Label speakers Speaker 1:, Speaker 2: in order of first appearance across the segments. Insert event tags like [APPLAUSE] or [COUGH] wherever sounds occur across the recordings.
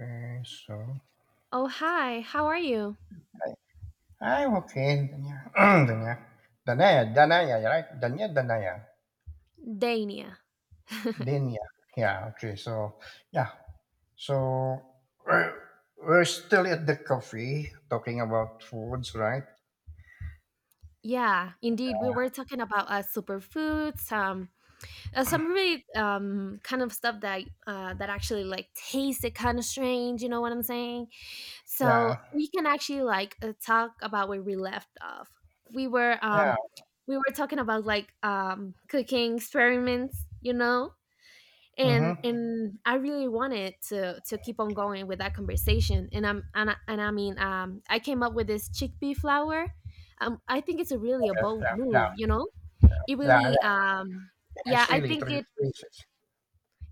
Speaker 1: Okay, so
Speaker 2: Oh, hi. How are you?
Speaker 1: I, I okay, Danya. [CLEARS THROAT] Danya. Danaya, Danaya, [CLEARS THROAT] right? Danya, Danaya.
Speaker 2: Dania.
Speaker 1: Danya. Yeah, okay, so yeah. So we're, we're still at the coffee talking about foods, right?
Speaker 2: Yeah, indeed. We were talking about superfoods, some really kind of stuff that that actually like tasted kind of strange. You know what I'm saying?
Speaker 1: Yeah.
Speaker 2: So we can actually like talk about where we left off. We were
Speaker 1: Yeah.
Speaker 2: um, we were talking about like cooking experiments. You know? and
Speaker 1: Mm-hmm.
Speaker 2: and I really wanted to keep on going with that conversation. And I'm and I mean, I came up with this chickpea flour. I think it's a really a
Speaker 1: Yeah,
Speaker 2: bold
Speaker 1: yeah, yeah,
Speaker 2: move. You know, it
Speaker 1: yeah,
Speaker 2: really,
Speaker 1: yeah.
Speaker 2: um, yeah,
Speaker 1: It's really it really is.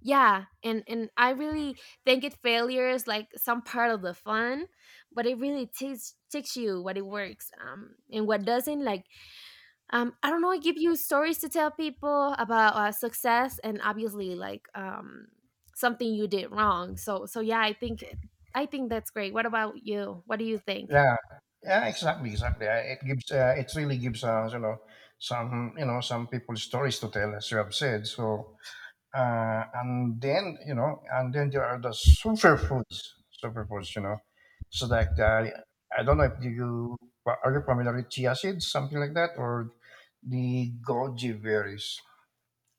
Speaker 2: yeah, and I really think it failures like some part of the fun, but it really teaches you what it works and what doesn't like I don't know, I give you stories to tell people about success and obviously like something you did wrong. So yeah, I think that's great. What about you? What do you think?
Speaker 1: Yeah. Yeah, exactly, exactly. It gives it really gives us, you know, some people stories to tell, as you have said. So and then, you know, and then there are the superfoods, superfoods, you know. So like the, I don't know if you, Well, are you familiar with chia seeds, something like that, or the goji berries?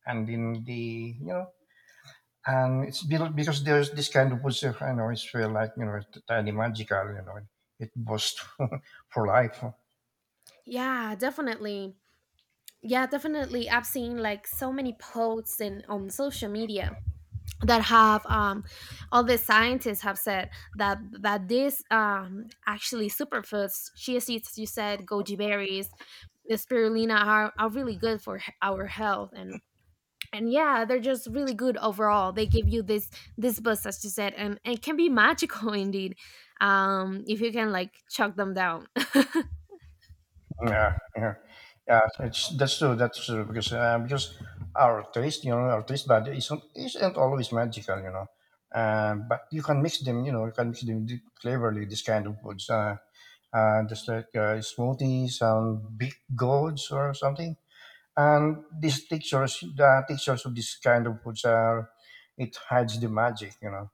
Speaker 1: And then the, you know, and because there's this kind of foods, I know it's feel like, you know, it's tiny magical, you know, it boosts [LAUGHS] for life.
Speaker 2: Yeah, definitely. Yeah, definitely. I've seen like so many posts and on social media that have all the scientists have said that this actually superfoods, chia seeds, you said goji berries, the spirulina are really good for our health and yeah, they're just really good overall. They give you this this buzz, as you said, and it can be magical [LAUGHS] indeed, if you can like chuck them down.
Speaker 1: Yeah, yeah, yeah. It's that's true. That's true because our taste, you know, our taste bud isn't always magical, you know. But you can mix them, you know, you can mix them cleverly. This kind of foods, just like smoothies and big gourds or something. And these textures, the textures of this kind of foods are it hides the magic, you know.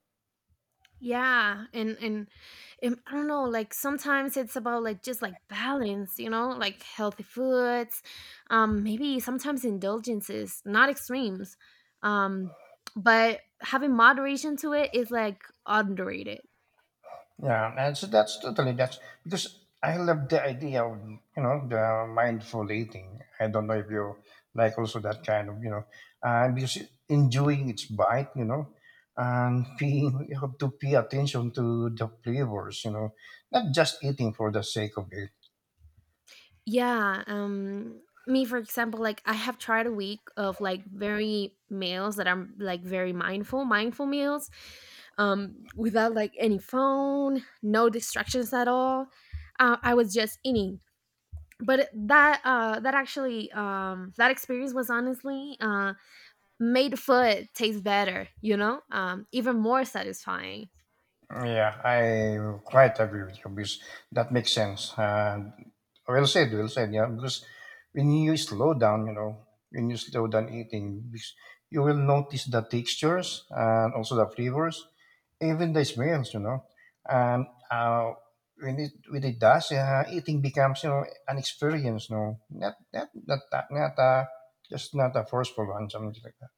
Speaker 2: Yeah, and I don't know, like sometimes it's about like just like balance, you know, like healthy foods, maybe sometimes indulgences, not extremes, um, but having moderation to it is like underrated.
Speaker 1: Yeah, and so that's totally that's because I love the idea of you know the mindful eating. I don't know if you like also that kind of you know, because enjoying its bite, you know, and [LAUGHS] being you have to pay attention to the flavors, you know, not just eating for the sake of it.
Speaker 2: Yeah, me for example, like I have tried a week of like very meals that are like very mindful, mindful meals, without like any phone, no distractions at all. I was just eating. That that actually that experience was honestly made food taste better, you know? Um, even more satisfying.
Speaker 1: Yeah, I quite agree with you because that makes sense. Well said, well said. Yeah, because when you slow down, you know, when you slow down eating, because you will notice the textures and also the flavors, even the smells, you know. And when it does, eating becomes you know an experience, no, not not not not just not a forceful one, something like that.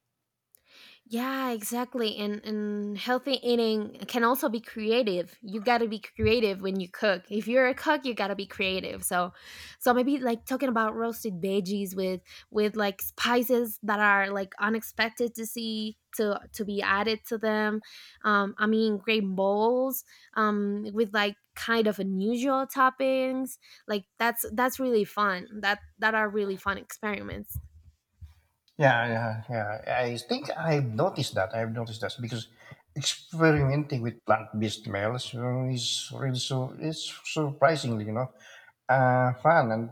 Speaker 2: Yeah, exactly. And healthy eating can also be creative. You got to be creative when you cook. If you're a cook, you got to be creative. So maybe like talking about roasted veggies with like spices that are like unexpected to be added to them. Um, I mean great bowls with like kind of unusual toppings. Like that's really fun. That are really fun experiments.
Speaker 1: Yeah, yeah, yeah. I think I've noticed that. I've noticed that because experimenting with plant-based meals is really so it's surprisingly, you know, fun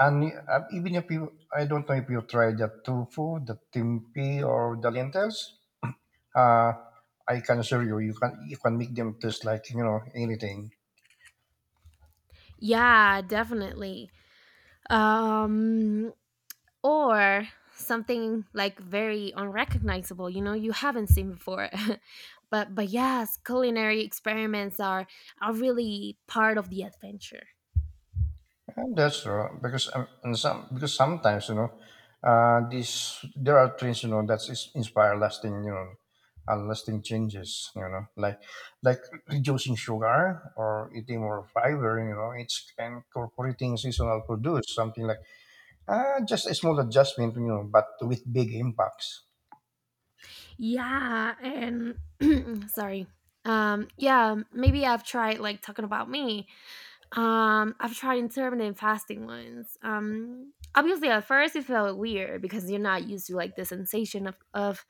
Speaker 1: and even if you, I don't know if you tried the tofu, the tempeh, or the lentils. Uh, I can assure you, you can make them taste like you know anything.
Speaker 2: Yeah, definitely. Um, or something like very unrecognizable, you know, you haven't seen before, [LAUGHS] but yes, culinary experiments are really part of the adventure.
Speaker 1: And that's true because and some because sometimes you know, this there are trends you know that is inspire lasting you know, lasting changes you know like reducing sugar or eating more fiber you know it's and incorporating seasonal produce something like just a small adjustment you know but with big impacts.
Speaker 2: Yeah, and [CLEARS THROAT] sorry. Yeah, maybe I've tried, like, talking about me. I've tried intermittent fasting once. Obviously at first it felt weird because you're not used to like the sensation of of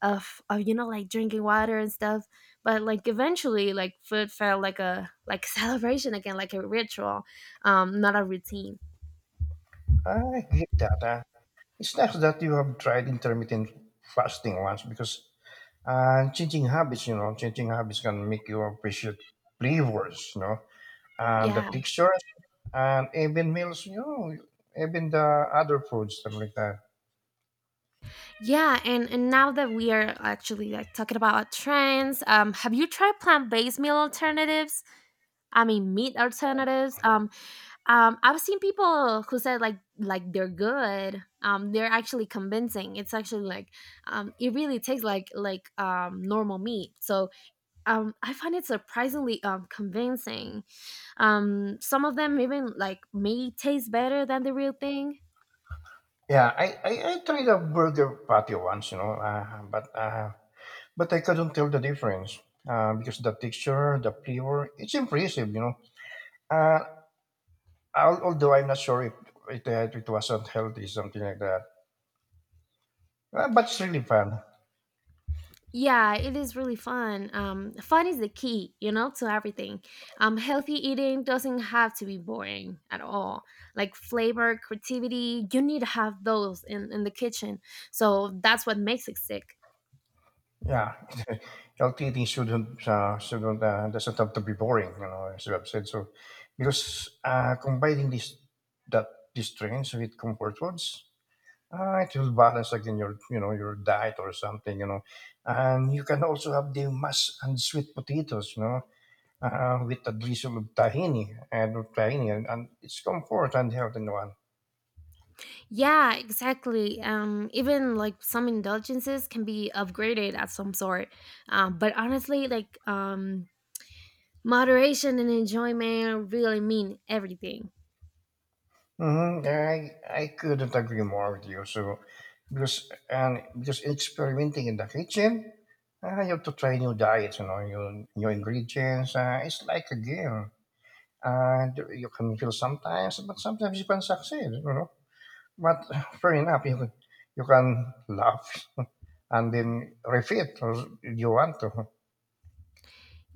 Speaker 2: of, of you know like drinking water and stuff. But like eventually, like food felt like a like [LAUGHS] celebration again, like a ritual, not a routine.
Speaker 1: I get that. It's nice that you have tried intermittent fasting once because and changing habits, you know, changing habits can make you appreciate flavors, you know, and the
Speaker 2: Yeah,
Speaker 1: textures, and even meals, you know, even the other foods, stuff like that.
Speaker 2: yeah, and now that we are actually like talking about trends, have you tried plant based meal alternatives? I mean, meat alternatives. I've seen people who said like they're good. They're actually convincing. It's actually like it really tastes like normal meat. So I find it surprisingly convincing. Some of them even like may taste better than the real thing.
Speaker 1: Yeah, I tried a burger patty once, you know, but I couldn't tell the difference because the texture, the flavor, it's impressive, you know. Uh, Although I'm not sure if it, it was unhealthy, something like that. But it's really fun.
Speaker 2: Yeah, it is really fun. Fun is the key, you know, to everything. Healthy eating doesn't have to be boring at all. Like flavor, creativity, you need to have those in the kitchen. So that's what makes it sick.
Speaker 1: Yeah, [LAUGHS] healthy eating shouldn't doesn't have to be boring, you know, as you have said. So, because combining this that these trends with comfort foods, it will balance again your you know your diet or something, you know, and you can also have the mash and sweet potatoes, you know, with a drizzle of tahini and tahini, and it's comfort and health in one.
Speaker 2: Yeah, exactly. Even like some indulgences can be upgraded at some sort. But honestly, like moderation and enjoyment really mean everything.
Speaker 1: Mm-hmm. I couldn't agree more with you. So because and because experimenting in the kitchen, you have to try new diets, you know, new ingredients. It's like a game, and you can fail sometimes, but sometimes you can succeed. You know, but fair enough, you can laugh and then repeat if you want to.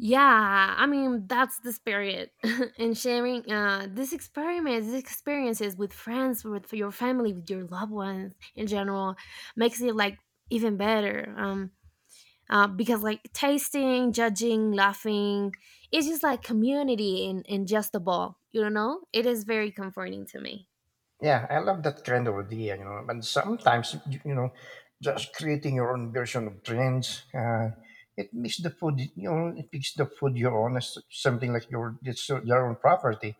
Speaker 2: Yeah, I mean that's the spirit. [LAUGHS] And sharing these experiments, these experiences with friends, with your family, with your loved ones in general, makes it like even better. Because like tasting, judging, laughing, it's just like community in just a ball. You know, it is very comforting to me.
Speaker 1: Yeah, I love that trend idea, you know. And sometimes, you know, just creating your own version of trends, it makes the food, you know, it makes the food your own, as something like your it's your own property.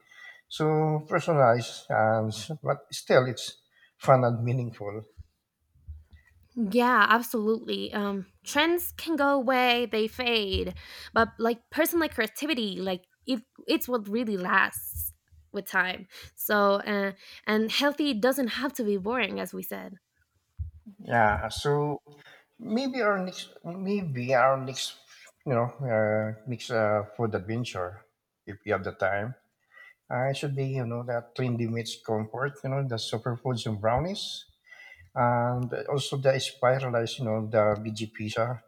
Speaker 1: So personalized, and but still, it's fun and meaningful.
Speaker 2: Yeah, absolutely. Trends can go away, they fade, but like personal creativity, like it's what really lasts with time. So, and healthy doesn't have to be boring, as we said.
Speaker 1: Yeah. So maybe our next, you know, next food adventure, if you have the time. It should be, you know, that trendy meets comfort, you know, the superfoods and brownies, and also the spiralized, you know, the BG pizza.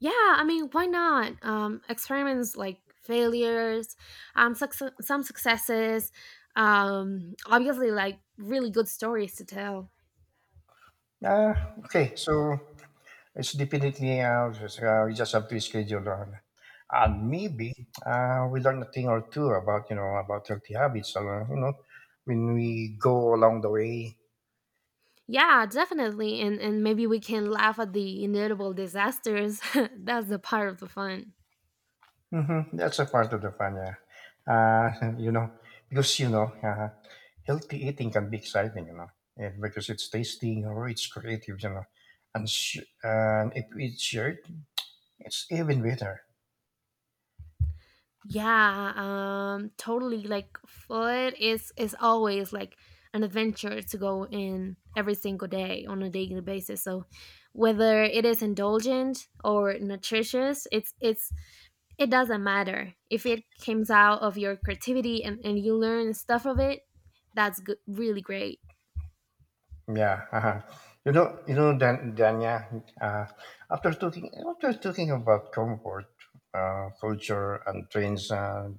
Speaker 2: Yeah, I mean, why not? Experiments like failures, success, some successes, obviously like really good stories to tell.
Speaker 1: Uh, okay, so it's definitely, we just have to schedule on. And maybe we learn a thing or two about, you know, about healthy habits, you know, when we go along the way.
Speaker 2: Yeah, definitely. And maybe we can laugh at the inevitable disasters. [LAUGHS] That's the part of the fun.
Speaker 1: Mm-hmm. That's a part of the fun, yeah. [LAUGHS] You know, because you know, healthy eating can be exciting, you know, yeah, because it's tasting or it's creative, you know, and and if it's shared, it's even better.
Speaker 2: Yeah, totally, like food is always like an adventure to go in every single day on a daily basis. So whether it is indulgent or nutritious, it's it doesn't matter. If it comes out of your creativity, and you learn stuff of it, that's good, really great.
Speaker 1: Yeah, uh-huh. You know, Dan, Dania. After talking about comfort, culture, and trends, uh,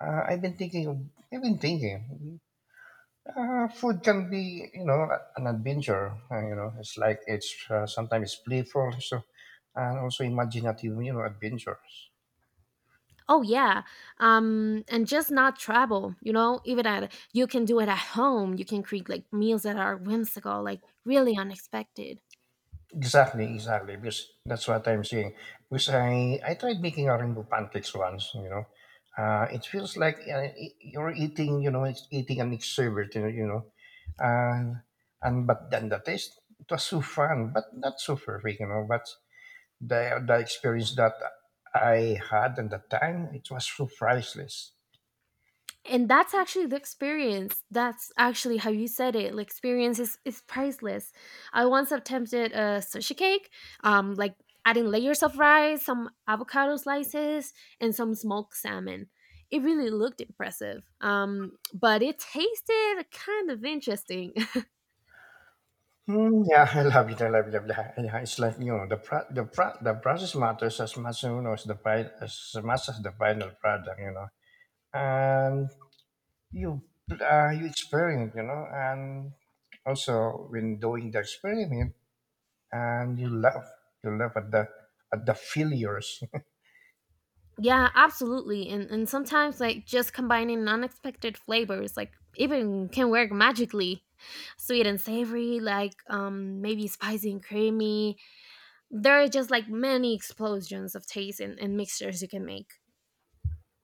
Speaker 1: uh, I've been thinking, I've been thinking. Food can be, you know, an adventure. You know, it's like it's sometimes it's playful, so and also imaginative, you know, adventures.
Speaker 2: Oh yeah. Um, and just not travel, you know, even at you can do it at home. You can create like meals that are whimsical, like really unexpected.
Speaker 1: Exactly, exactly. Because that's what I'm saying. Because I tried making a rainbow pancakes once. You know, it feels like you're eating, you know, it's eating an exhibit. You know, uh, and but then the taste it was so fun, but not so perfect. You know, but the experience that I had at the time, it was so priceless.
Speaker 2: And that's actually the experience. That's actually how you said it, like experience is priceless. I once attempted a sushi cake, like adding layers of rice, some avocado slices, and some smoked salmon. It really looked impressive, but it tasted kind of interesting. [LAUGHS]
Speaker 1: Mm, yeah, I love it. I love it. I love it. Yeah, it's like you know the process matters as much you know as as much as the final product. You know, and you you experiment. You know, and also when doing the experiment, and you laugh at the failures.
Speaker 2: Yeah, absolutely. And sometimes like just combining unexpected flavors like even can work magically. Sweet and savory, like maybe spicy and creamy, there are just like many explosions of taste and mixtures you can make.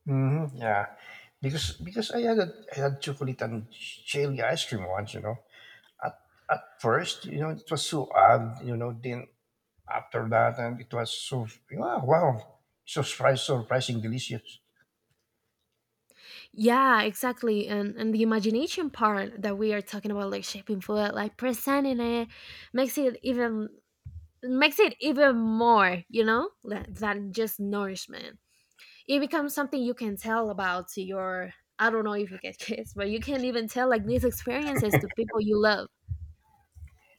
Speaker 1: [LAUGHS] hmm yeah, because I had chocolate and cherry ice cream once. You know, at, at first, you know, it was so odd, you know, then after that, and it was so, wow, wow surprise, surprising, delicious.
Speaker 2: Yeah, exactly. And the imagination part that we are talking about, like shaping food, like presenting it, makes it even makes it even more, you know, than just nourishment. It becomes something you can tell about to your, I don't know if you get [LAUGHS] kids, but you can even tell like these experiences to people you love.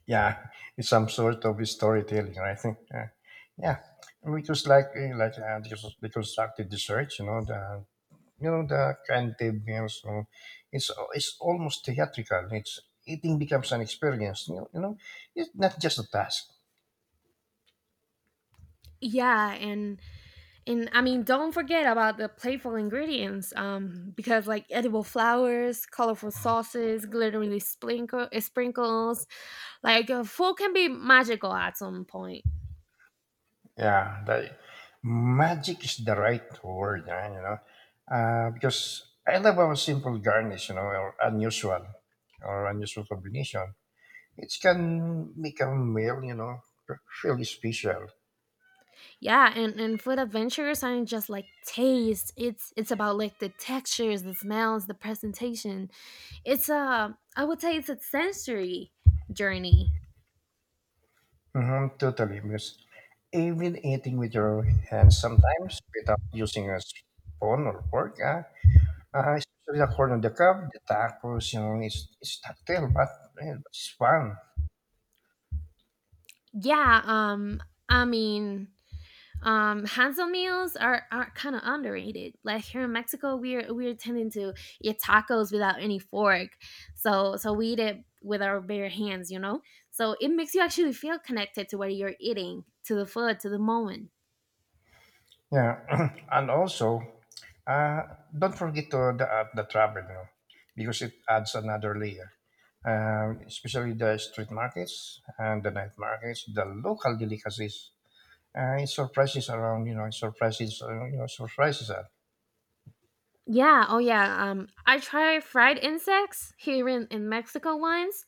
Speaker 1: Yeah, [LAUGHS] it's some sort of storytelling, right? [LAUGHS] Yeah, yeah. It was like eh, like the deconstructed research, you know, the the cognitive meals. You know, it's almost theatrical. It's eating becomes an experience. You know, it's not just a task.
Speaker 2: Yeah, and I mean, don't forget about the playful ingredients, because like edible flowers, colorful sauces, glittering sprinkles, like food can be magical at some point.
Speaker 1: Yeah, the magic is the right word, yeah, you know, because I love our simple garnish, you know, or unusual combination. It can make a meal, you know, really special.
Speaker 2: Yeah, and food adventures aren't just like taste. It's about like the textures, the smells, the presentation. It's a, I would say it's a sensory journey.
Speaker 1: Hmm, totally, because even eating with your hands sometimes without using a spoon or fork, ah, especially the corn on the cob, the tacos, you know, it's tactile, but eh, it's fun.
Speaker 2: Yeah. I mean, Hansel meals are kind of underrated. Like here in Mexico, we're tending to eat tacos without any fork, so we eat it with our bare hands, you know. So it makes you actually feel connected to what you're eating, to the food, to the moment.
Speaker 1: Yeah, [CLEARS THROAT] and also, uh, don't forget to the app the traveler because it adds another layer. Especially the street markets and the night markets, the local delicacies, it surprises around. You know, it surprises. You know, surprises us.
Speaker 2: Yeah, oh yeah. I tried fried insects in Mexico once.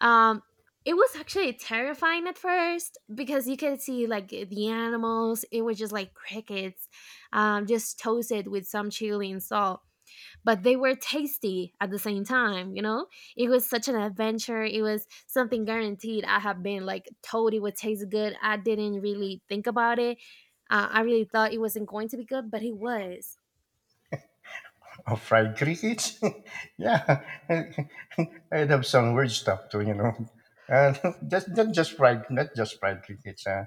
Speaker 2: Um, it was actually terrifying at first because you could see like the animals. It was just like crickets, just toasted with some chili and salt. But they were tasty at the same time, you know. It was such an adventure. It was something guaranteed. I have been like told it would taste good. I didn't really think about it. I really thought it wasn't going to be good, but it was.
Speaker 1: Oh, fried crickets? [LAUGHS] yeah, [LAUGHS] I'd have some weird stuff too, you know. Uh, [LAUGHS] just not just fried crickets. Uh,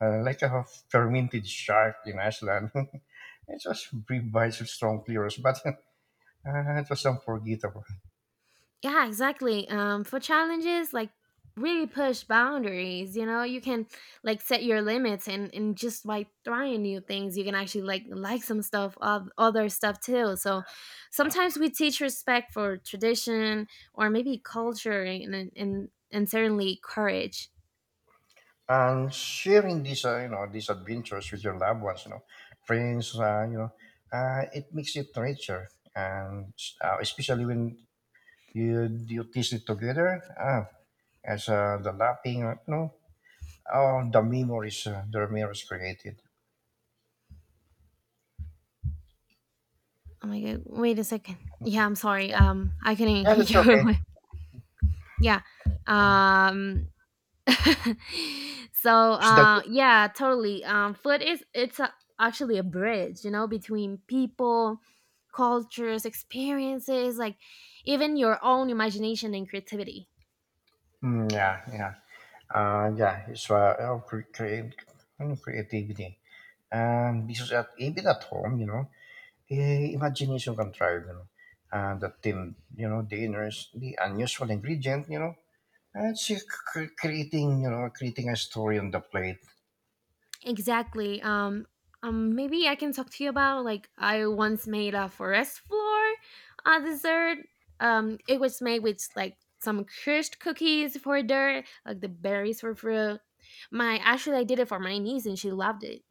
Speaker 1: uh, Like a fermented shark in Iceland. [LAUGHS] It was brief bites of strong flavors, but [LAUGHS] it was unforgettable.
Speaker 2: Yeah, exactly. For challenges, like really push boundaries. You know, you can like set your limits, and just by trying new things, you can actually like some stuff, of other stuff too. So sometimes we teach respect for tradition, or maybe culture, and certainly courage.
Speaker 1: And sharing these, you know, these adventures with your loved ones, you know, friends, it makes it richer, and especially when you taste it together. As The lapping, you know, all the memories the Ramirez created.
Speaker 2: Oh my god! Wait a second. Yeah, I'm sorry. I couldn't [LAUGHS]
Speaker 1: Yeah, that's
Speaker 2: hear
Speaker 1: okay.
Speaker 2: you. Yeah.
Speaker 1: Mm.
Speaker 2: Um. [LAUGHS] So
Speaker 1: It's that-
Speaker 2: yeah, totally, food is actually a bridge, you know, between people, cultures, experiences, like even your own imagination and creativity.
Speaker 1: Mm, yeah, yeah, yeah. Create, you know, creativity, and because at, even at home, you know, eh, imagination can thrive. You know, and the team, you know, the inners, the unusual ingredient, you know, and you know, creating a story on the plate.
Speaker 2: Exactly. Um, maybe I can talk to you about like I once made a forest floor dessert. Um, it was made with like some crushed cookies for dirt, like the berries for fruit. My Actually, I did it for my niece and she loved it.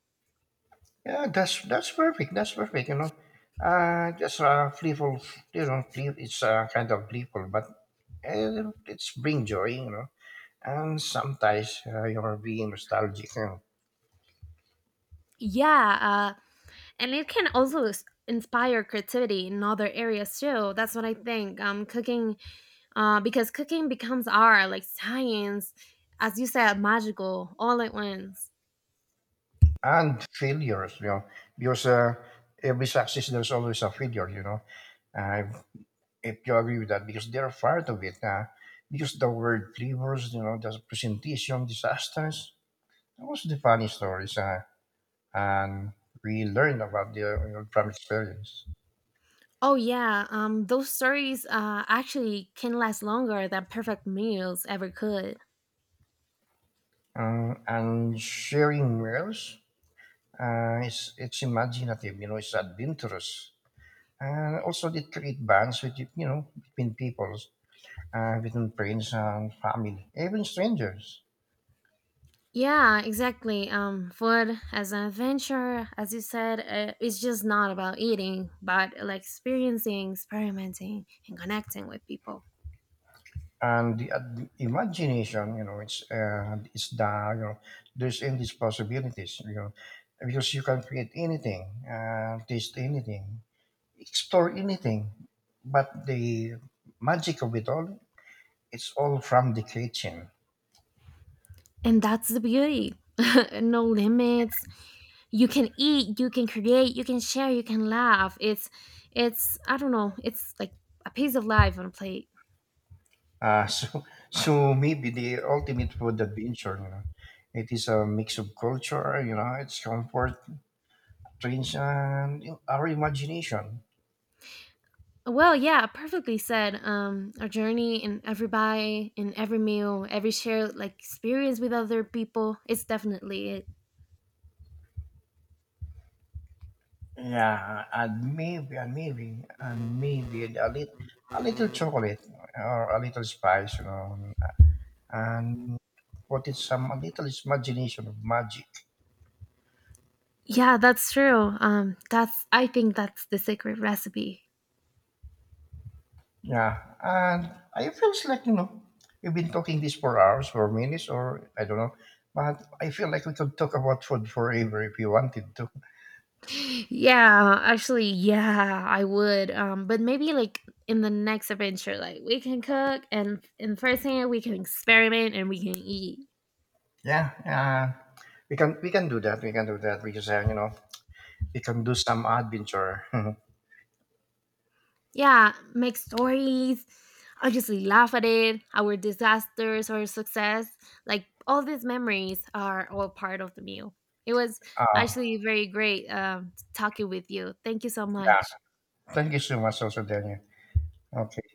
Speaker 1: Yeah, that's perfect. That's perfect. You know, just playful. You know, play, it's kind of playful, but it's bring joy. You know, and sometimes you're being nostalgic. You know,
Speaker 2: Yeah. And it can also inspire creativity in other areas too. That's what I think. Um, cooking, because cooking becomes art, like science, as you said, magical, all at once.
Speaker 1: and failures. You know, because every success there's always a failure. You know, uh, if you agree with that, because they're part of it. Because the word flavors, you know, the presentation disasters. That was the funny stories, and we learn about the you know, from experience.
Speaker 2: Oh yeah. Um, those stories actually can last longer than perfect meals ever could.
Speaker 1: And sharing meals is it's imaginative, you know, it's adventurous. And also they create bonds with you know between peoples, between friends and family, even strangers.
Speaker 2: Yeah, exactly. Um, food as an adventure, as you said, it's just not about eating, but like experiencing, experimenting, and connecting with people.
Speaker 1: And imagination, you know, it's the you know there's endless possibilities, you know, because you can create anything, taste anything, explore anything. But the magic of it all, it's all from the kitchen.
Speaker 2: And that's the beauty. [LAUGHS] No limits. You can eat, you can create, you can share, you can laugh. It's, I don't know, it's like a piece of life on a plate.
Speaker 1: [LAUGHS] So, so maybe the ultimate food adventure, you know, it is a mix of culture, you know, it's comfort, trends, and our imagination.
Speaker 2: Well, yeah, perfectly said. Um, our journey in every bite, in every meal, every shared like experience with other people, it's definitely it.
Speaker 1: Yeah, and maybe a little chocolate or a little spice, you know, and put it some a little imagination of magic.
Speaker 2: Yeah, that's true. That's, I think that's the secret recipe.
Speaker 1: Yeah, and I feels like you know we've been talking this for hours, for minutes, or I don't know, but I feel like we could talk about food forever if you wanted to.
Speaker 2: Yeah, actually, yeah, I would. But maybe like in the next adventure, like we can cook and first thing we can experiment and we can eat.
Speaker 1: Yeah, yeah, we can do that. We can do that because you know we can do some adventure. [LAUGHS]
Speaker 2: Yeah, make stories. Obviously, laugh at it. Our disasters or success, like all these memories, are all part of the meal. It was
Speaker 1: uh,
Speaker 2: actually very great talking with you. Thank you so
Speaker 1: yeah,
Speaker 2: much.
Speaker 1: thank you so much, also Daniel. Okay.